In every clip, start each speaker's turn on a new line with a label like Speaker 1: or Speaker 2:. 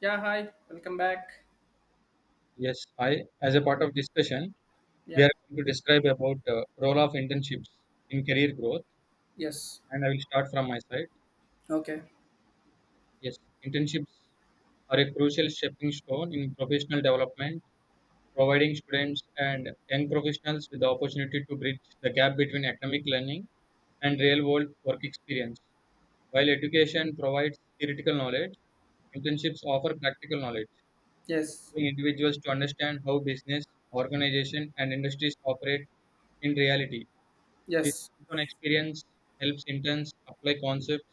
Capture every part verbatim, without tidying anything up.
Speaker 1: Yeah, hi, welcome back.
Speaker 2: Yes, I, as a part of discussion, we
Speaker 1: Yeah,
Speaker 2: are going to describe about uh, role of internships in career growth,
Speaker 1: yes,
Speaker 2: and I will start from my side.
Speaker 1: okay,
Speaker 2: Yes, internships are a crucial stepping stone in professional development, providing students and young professionals with the opportunity to bridge the gap between academic learning and real-world work experience. While education provides theoretical knowledge, internships offer practical knowledge,
Speaker 1: yes,
Speaker 2: allowing individuals to understand how business, organization, and industries operate in reality. This
Speaker 1: yes,
Speaker 2: hands-on experience helps interns apply concepts,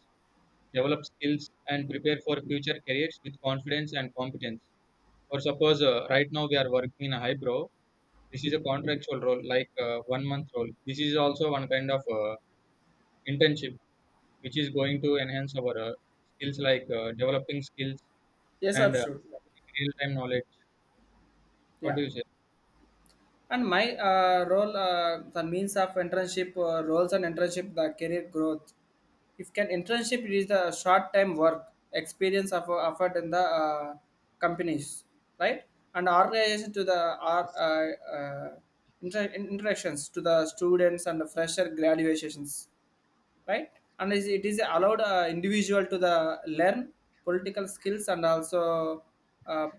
Speaker 2: develop skills, and prepare for future careers with confidence and competence. Or suppose uh, right now we are working in a highbrow. This is a contractual role, like uh, one month role. This is also one kind of uh, internship, which is going to enhance our uh, skills, like uh, developing skills
Speaker 1: yes,
Speaker 2: and uh,
Speaker 1: absolutely.
Speaker 2: real-time knowledge. What do
Speaker 1: Yeah,
Speaker 2: you say?
Speaker 1: and my uh, role, uh, the means of internship uh, roles and internship, the career growth. If can internship is the short time work experience of uh, offered in the uh, companies, right? And organization to the our uh, uh, inter- interactions to the students and the fresher graduations, right. And is, it is allowed uh, individual to the learn political skills, and also uh,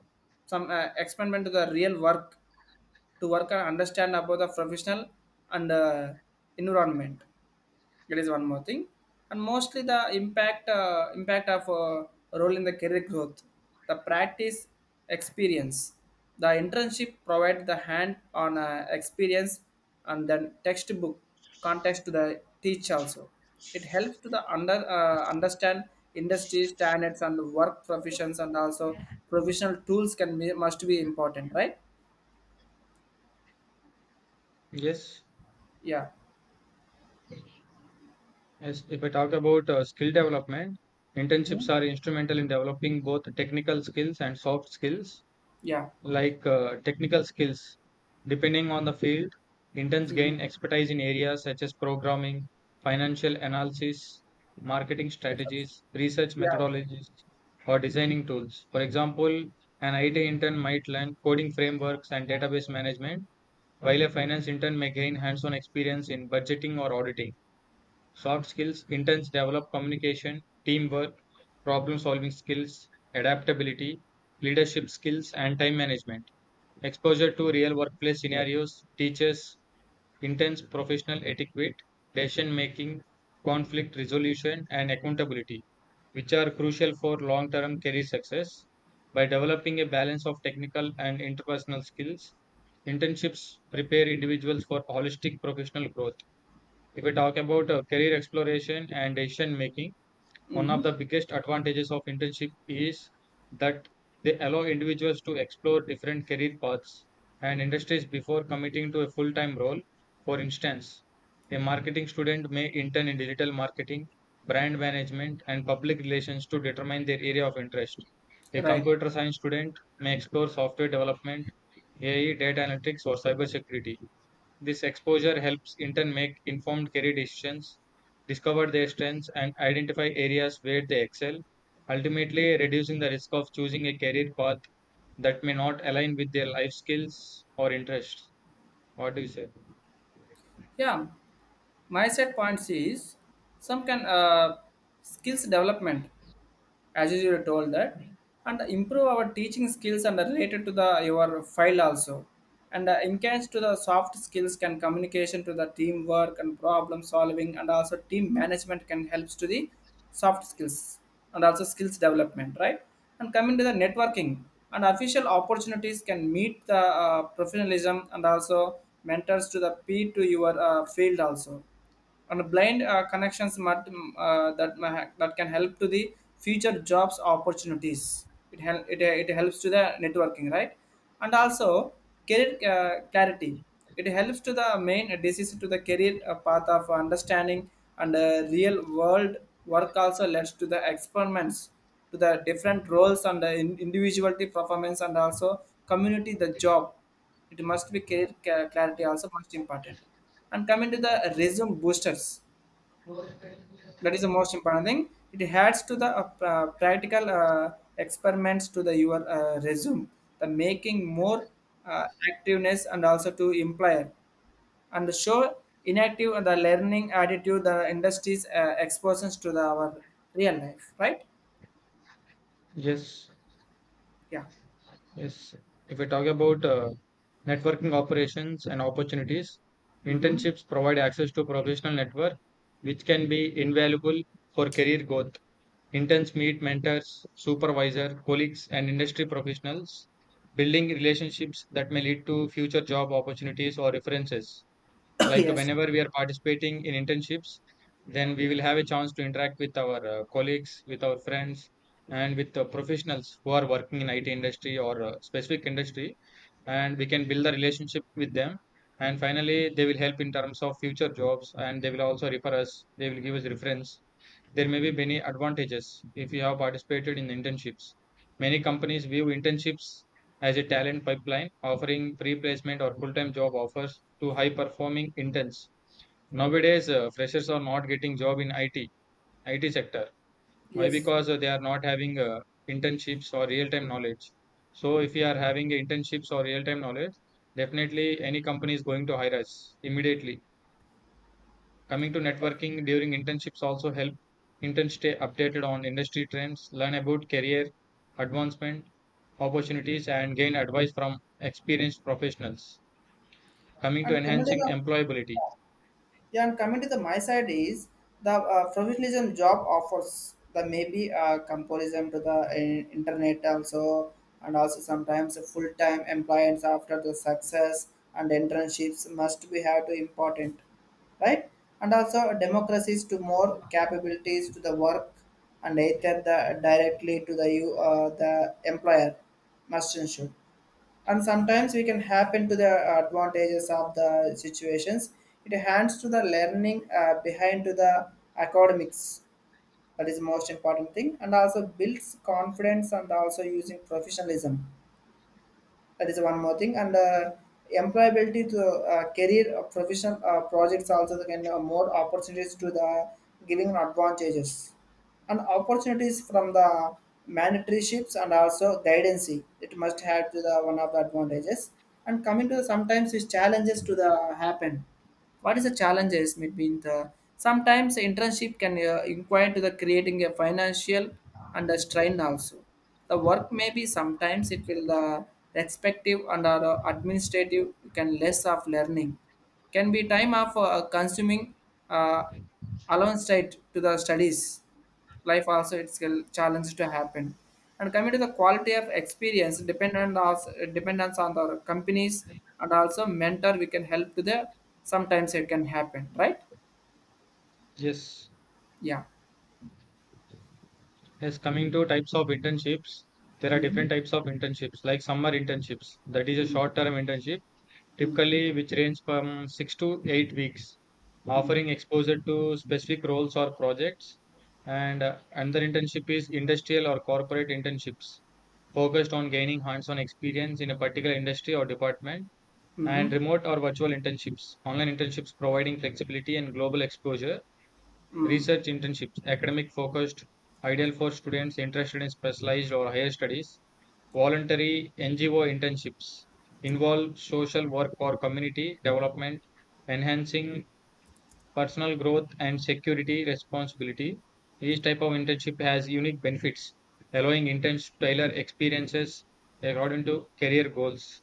Speaker 1: some uh, experiment to the real work, to work and understand about the professional and uh, environment, that is one more thing. And mostly the impact uh, impact of uh, role in the career growth, the practice experience, the internship provide the hand-on uh, experience, and then textbook context to the teach also. It helps to the under uh, understand industry standards and work professions, and also professional tools can be must be important, right?
Speaker 2: Yes,
Speaker 1: Yeah.
Speaker 2: yes. If I talk about uh, skill development,
Speaker 1: Mm-hmm.
Speaker 2: internships are instrumental in developing both technical skills and soft skills,
Speaker 1: Yeah.
Speaker 2: like uh, technical skills. Depending on the field, interns
Speaker 1: Mm-hmm.
Speaker 2: gain expertise in areas such as programming, financial analysis, marketing strategies, research
Speaker 1: Yeah.
Speaker 2: methodologies, or designing tools. For example, an
Speaker 1: Mm-hmm.
Speaker 2: I T intern might learn coding frameworks and database management, while a finance intern may gain hands on experience in budgeting or auditing. Soft skills interns develop communication, teamwork, problem solving skills, adaptability, leadership skills, and time management. Exposure to real workplace scenarios teaches intense professional etiquette, decision making, conflict resolution, and accountability, which are crucial for long term career success. By developing a balance of technical and interpersonal skills, internships prepare individuals for holistic professional growth. If we talk about uh, career exploration and decision making, one
Speaker 1: Mm-hmm.
Speaker 2: of the biggest advantages of internship is that they allow individuals to explore different career paths and industries before committing to a full time role. For instance, a marketing student may intern in digital marketing, brand management, and public relations to determine their area of interest. A
Speaker 1: Right.
Speaker 2: computer science student may explore software development, A I, data analytics, or cybersecurity. This exposure helps intern make informed career decisions, discover their strengths, and identify areas where they excel, ultimately reducing the risk of choosing a career path that may not align with their life skills or interests. What do you say?
Speaker 1: Yeah, my set points is some can uh, skills development as you were told that, and improve our teaching skills and related to the your file also, and uh, enhance to the soft skills can communication to the teamwork and problem solving, and also team management can helps to the soft skills and also skills development, right. And coming to the networking and official opportunities can meet the uh, professionalism, and also mentors to the p to your uh, field also, and blind uh, connections must, mm, uh, that ma- ha- that can help to the future jobs opportunities. It help it, uh, it helps to the networking, right? And also career uh, clarity. It helps to the main decision to the career uh, path of understanding, and uh, real world work also leads to the experiments to the different roles and the in- individuality performance, and also community the job, it must be clear ca- clarity also most important. And coming to the resume boosters, that is the most important thing. It adds to the uh, pra- practical uh, experiments to the your uh, resume, the making more uh, activeness and also to employer, and show inactive and the learning attitude, the industry's uh, exposures to the our real life, right.
Speaker 2: Yes,
Speaker 1: Yeah.
Speaker 2: yes. If we talk about uh, networking operations and opportunities,
Speaker 1: Mm-hmm.
Speaker 2: internships provide access to professional network, which can be invaluable for career growth. Interns meet mentors, supervisor, colleagues, and industry professionals, building relationships that may lead to future job opportunities or references. Like
Speaker 1: Yes.
Speaker 2: whenever we are participating in internships, then we will have a chance to interact with our uh, colleagues, with our friends, and with uh, professionals who are working in I T industry or uh, specific industry, and we can build the relationship with them, and finally they will help in terms of future jobs, and they will also refer us, they will give us reference. There may be many advantages if you have participated in internships. Many companies view internships as a talent pipeline, offering free placement or full-time job offers to high performing interns. Nowadays uh, freshers are not getting job in it, it sector. Why?
Speaker 1: Yes,
Speaker 2: Because uh, they are not having uh, internships or real time knowledge. So if we are having internships or real time knowledge, definitely any company is going to hire us immediately. Coming to networking during internships, also help interns stay updated on industry trends, learn about career advancement opportunities, and gain advice from experienced professionals. Coming to
Speaker 1: and coming to
Speaker 2: enhancing
Speaker 1: the,
Speaker 2: employability,
Speaker 1: yeah, and coming to the my side is the uh, professionalism job offers the maybe uh, comparison to the in- internet also, and also sometimes full time employees after the success, and internships must be have to important, right? And also democracies to more capabilities to the work, and either the directly to the you uh, the employer must ensure. And sometimes we can happen to the advantages of the situations, it hands to the learning uh, behind to the academics, that is the most important thing, and also builds confidence and also using professionalism, that is one more thing. And uh, employability to uh, career uh, professional uh, projects also can uh, more opportunities to the giving advantages and opportunities from the mentorships, and also guidance. It must have to the one of the advantages. And coming to the sometimes these challenges to the happen, what is the challenges between the sometimes internship can uh, inquire to the creating a financial and a strain also, the work may be sometimes it will the respective, and our uh, administrative can less of learning, can be time of uh, consuming uh, alongside to the studies life also, it's a challenge to happen. And coming to the quality of experience dependent on dependence on the companies, and also mentor we can help to the sometimes it can happen, right.
Speaker 2: yes.
Speaker 1: Yeah.
Speaker 2: Yes, coming to types of internships, there are
Speaker 1: Mm-hmm.
Speaker 2: different types of internships, like summer internships. That is a short-term internship,
Speaker 1: Mm-hmm.
Speaker 2: typically which range from six to eight weeks, offering exposure to specific roles or projects. And uh, another internship is industrial or corporate internships, focused on gaining hands-on experience in a particular industry or department. And
Speaker 1: Mm-hmm.
Speaker 2: remote or virtual internships, online internships providing flexibility and global exposure.
Speaker 1: Mm-hmm.
Speaker 2: Research internships, academic focused, ideal for students interested in specialized or higher studies. Voluntary N G O internships involve social work or community development, enhancing personal growth and security responsibility. Each type of internship has unique benefits, allowing interns to tailor experiences according to career goals.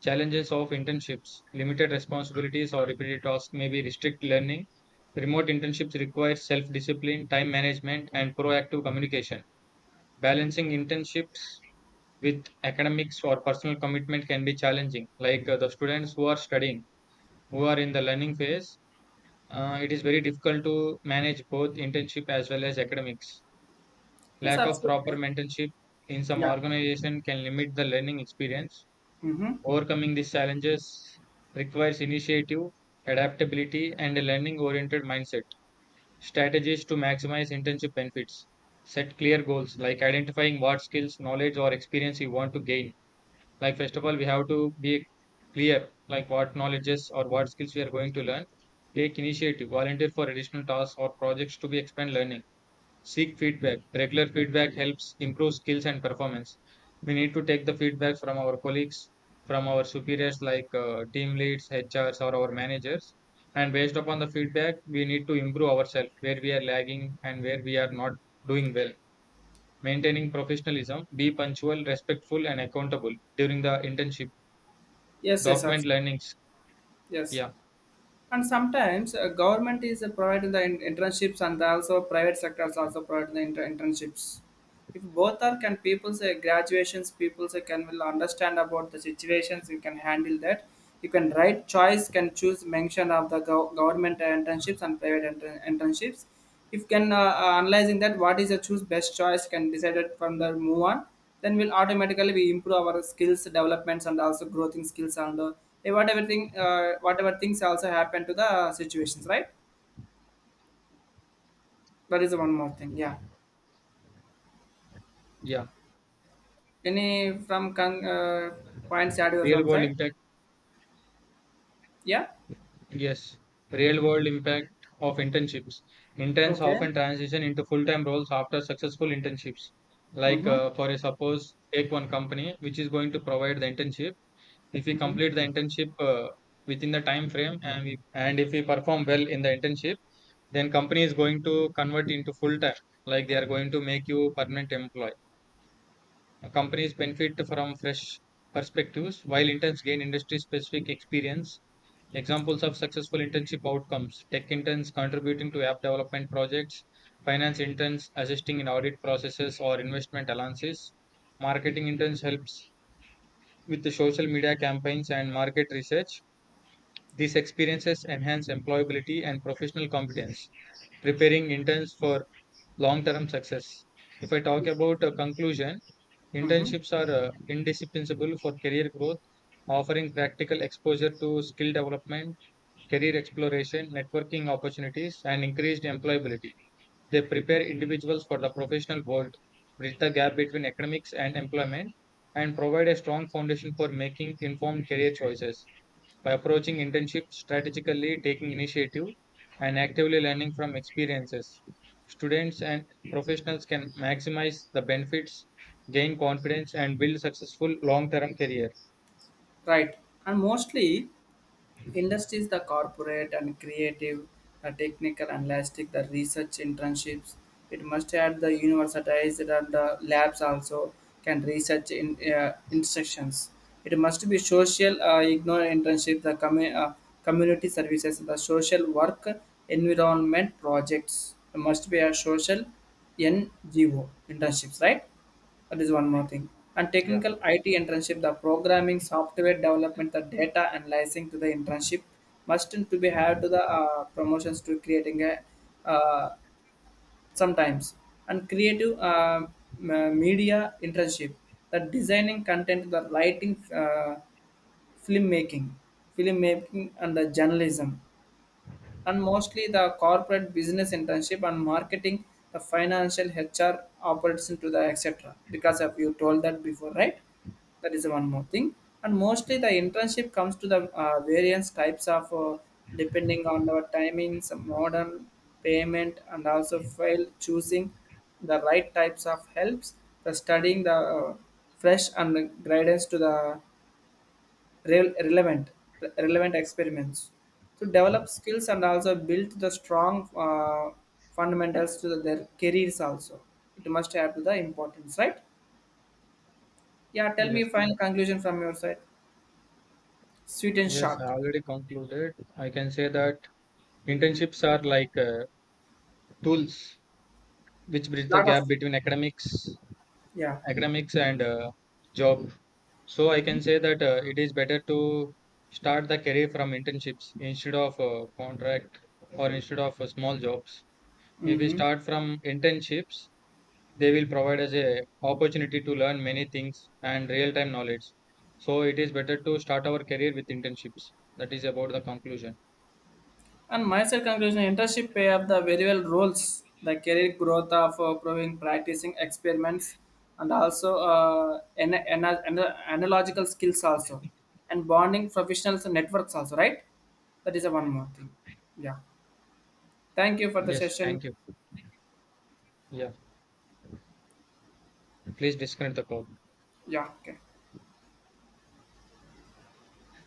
Speaker 2: Challenges of internships, limited responsibilities or repeated tasks may be restrict learning. Remote internships require self discipline, time management, and proactive communication. Balancing internships with academics or personal commitment can be challenging, like uh, the students who are studying, who are in the learning phase, uh, it is very difficult to manage both internship as well as academics.
Speaker 1: Yes,
Speaker 2: Lack of proper
Speaker 1: absolutely.
Speaker 2: mentorship in some
Speaker 1: Yeah.
Speaker 2: organization can limit the learning experience.
Speaker 1: Mm-hmm.
Speaker 2: Overcoming these challenges requires initiative, adaptability, and a learning oriented mindset. Strategies to maximize internship benefits. Set clear goals, like identifying what skills, knowledge, or experience you want to gain. Like first of all we have to be clear, like what knowledges or what skills we are going to learn. Take initiative, volunteer for additional tasks or projects to be expand learning. Seek feedback, regular feedback helps improve skills and performance. We need to take the feedback from our colleagues, from our superiors, like uh, team leads, hrs, or our managers, and based upon the feedback we need to improve ourselves where we are lagging and where we are not doing well. Maintaining professionalism, be punctual, respectful, and accountable during the internship.
Speaker 1: Yes, yes,
Speaker 2: Document
Speaker 1: absolutely.
Speaker 2: learnings,
Speaker 1: Yes,
Speaker 2: yeah.
Speaker 1: and sometimes uh, government is uh, providing the in- internships, and also private sectors also provide the inter- internships. If both are can people say graduations people say can will understand about the situations, you can handle that, you can write choice can choose mention of the gov- government internships and private inter- internships. If can uh, uh, analyzing that what is the choose best choice can decide it from the move on, then we'll automatically we improve our skills developments, and also growth in skills and uh, eh, whatever thing uh, whatever things also happen to the situations, right. That is one more thing. Yeah.
Speaker 2: Yeah,
Speaker 1: Any from con- uh, points add
Speaker 2: real
Speaker 1: from
Speaker 2: world
Speaker 1: side.
Speaker 2: impact.
Speaker 1: Yeah.
Speaker 2: Yes, real world impact of internships. Interns
Speaker 1: Okay.
Speaker 2: often transition into full time roles after successful internships. Like
Speaker 1: Mm-hmm.
Speaker 2: uh, for a suppose take one company which is going to provide the internship. If we
Speaker 1: Mm-hmm.
Speaker 2: complete the internship uh, within the time frame, and we and if we perform well in the internship, then company is going to convert into full time, like they are going to make you permanent employee. Companies benefit from fresh perspectives, while interns gain industry specific experience. Examples of successful internship outcomes, tech interns contributing to app development projects, finance interns assisting in audit processes or investment alliances, marketing interns helps with the social media campaigns and market research. These experiences enhance employability and professional competence, preparing interns for long term success. If I talk about a conclusion,
Speaker 1: Mm-hmm.
Speaker 2: internships are uh, indispensable for career growth, offering practical exposure to skill development, career exploration, networking opportunities, and increased employability. They prepare individuals for the professional world, bridge the gap between academics and employment, and provide a strong foundation for making informed career choices. By approaching internship strategically, taking initiative, and actively learning from experiences, students and professionals can maximize the benefits, gain confidence, and build successful long-term careers.
Speaker 1: Right. And mostly industries, the corporate and creative, the technical and elastic, the research internships. It must add the universities and the labs also, can research in uh, instructions. It must be social, uh, ignore internship, the commu- uh, community services, the social work environment projects. It must be a social N G O internships, right? That is one more thing. And
Speaker 2: Yeah.
Speaker 1: technical I T internship, the programming, software development, the data analyzing to the internship must to be have to the uh, promotions to creating a uh, sometimes, and creative uh, m- media internship, the designing content, the writing. Uh, film making film making and the journalism, and mostly the corporate business internship and marketing, the financial H R operates to the et cetera. Because of you told that before, right? That is one more thing. And mostly the internship comes to the uh, various types of uh, depending on our timings, modern payment, and also file choosing the right types of helps, the studying the uh, fresh and guidance to the rel- relevant relevant experiments to develop skills, and also build the strong uh, fundamentals to their careers also, it must add to the importance, right. Yeah, tell
Speaker 2: Yes.
Speaker 1: me final conclusion from your side, sweet and
Speaker 2: Yes, I
Speaker 1: short.
Speaker 2: already concluded. I can say that
Speaker 1: Mm.
Speaker 2: internships are like uh, tools which bridge the
Speaker 1: Lot of,
Speaker 2: gap between academics
Speaker 1: yeah.
Speaker 2: academics and uh, job. So I
Speaker 1: Mm-hmm.
Speaker 2: can say that uh, it is better to start the career from internships instead of uh, contract or instead of uh, small jobs. If we
Speaker 1: Mm-hmm.
Speaker 2: start from internships, they will provide us a opportunity to learn many things and real time knowledge. So it is better to start our career with internships. That is about the conclusion.
Speaker 1: And myself conclusion internship pay up the very well roles, the career growth of uh, proving practicing experiments, and also uh, ana- ana- ana- analogical skills also, and bonding professionals and networks also, right? That is a one more thing. Yeah. Thank you for the
Speaker 2: Yes,
Speaker 1: session.
Speaker 2: thank you. Yeah, please disconnect the call.
Speaker 1: Yeah. Okay.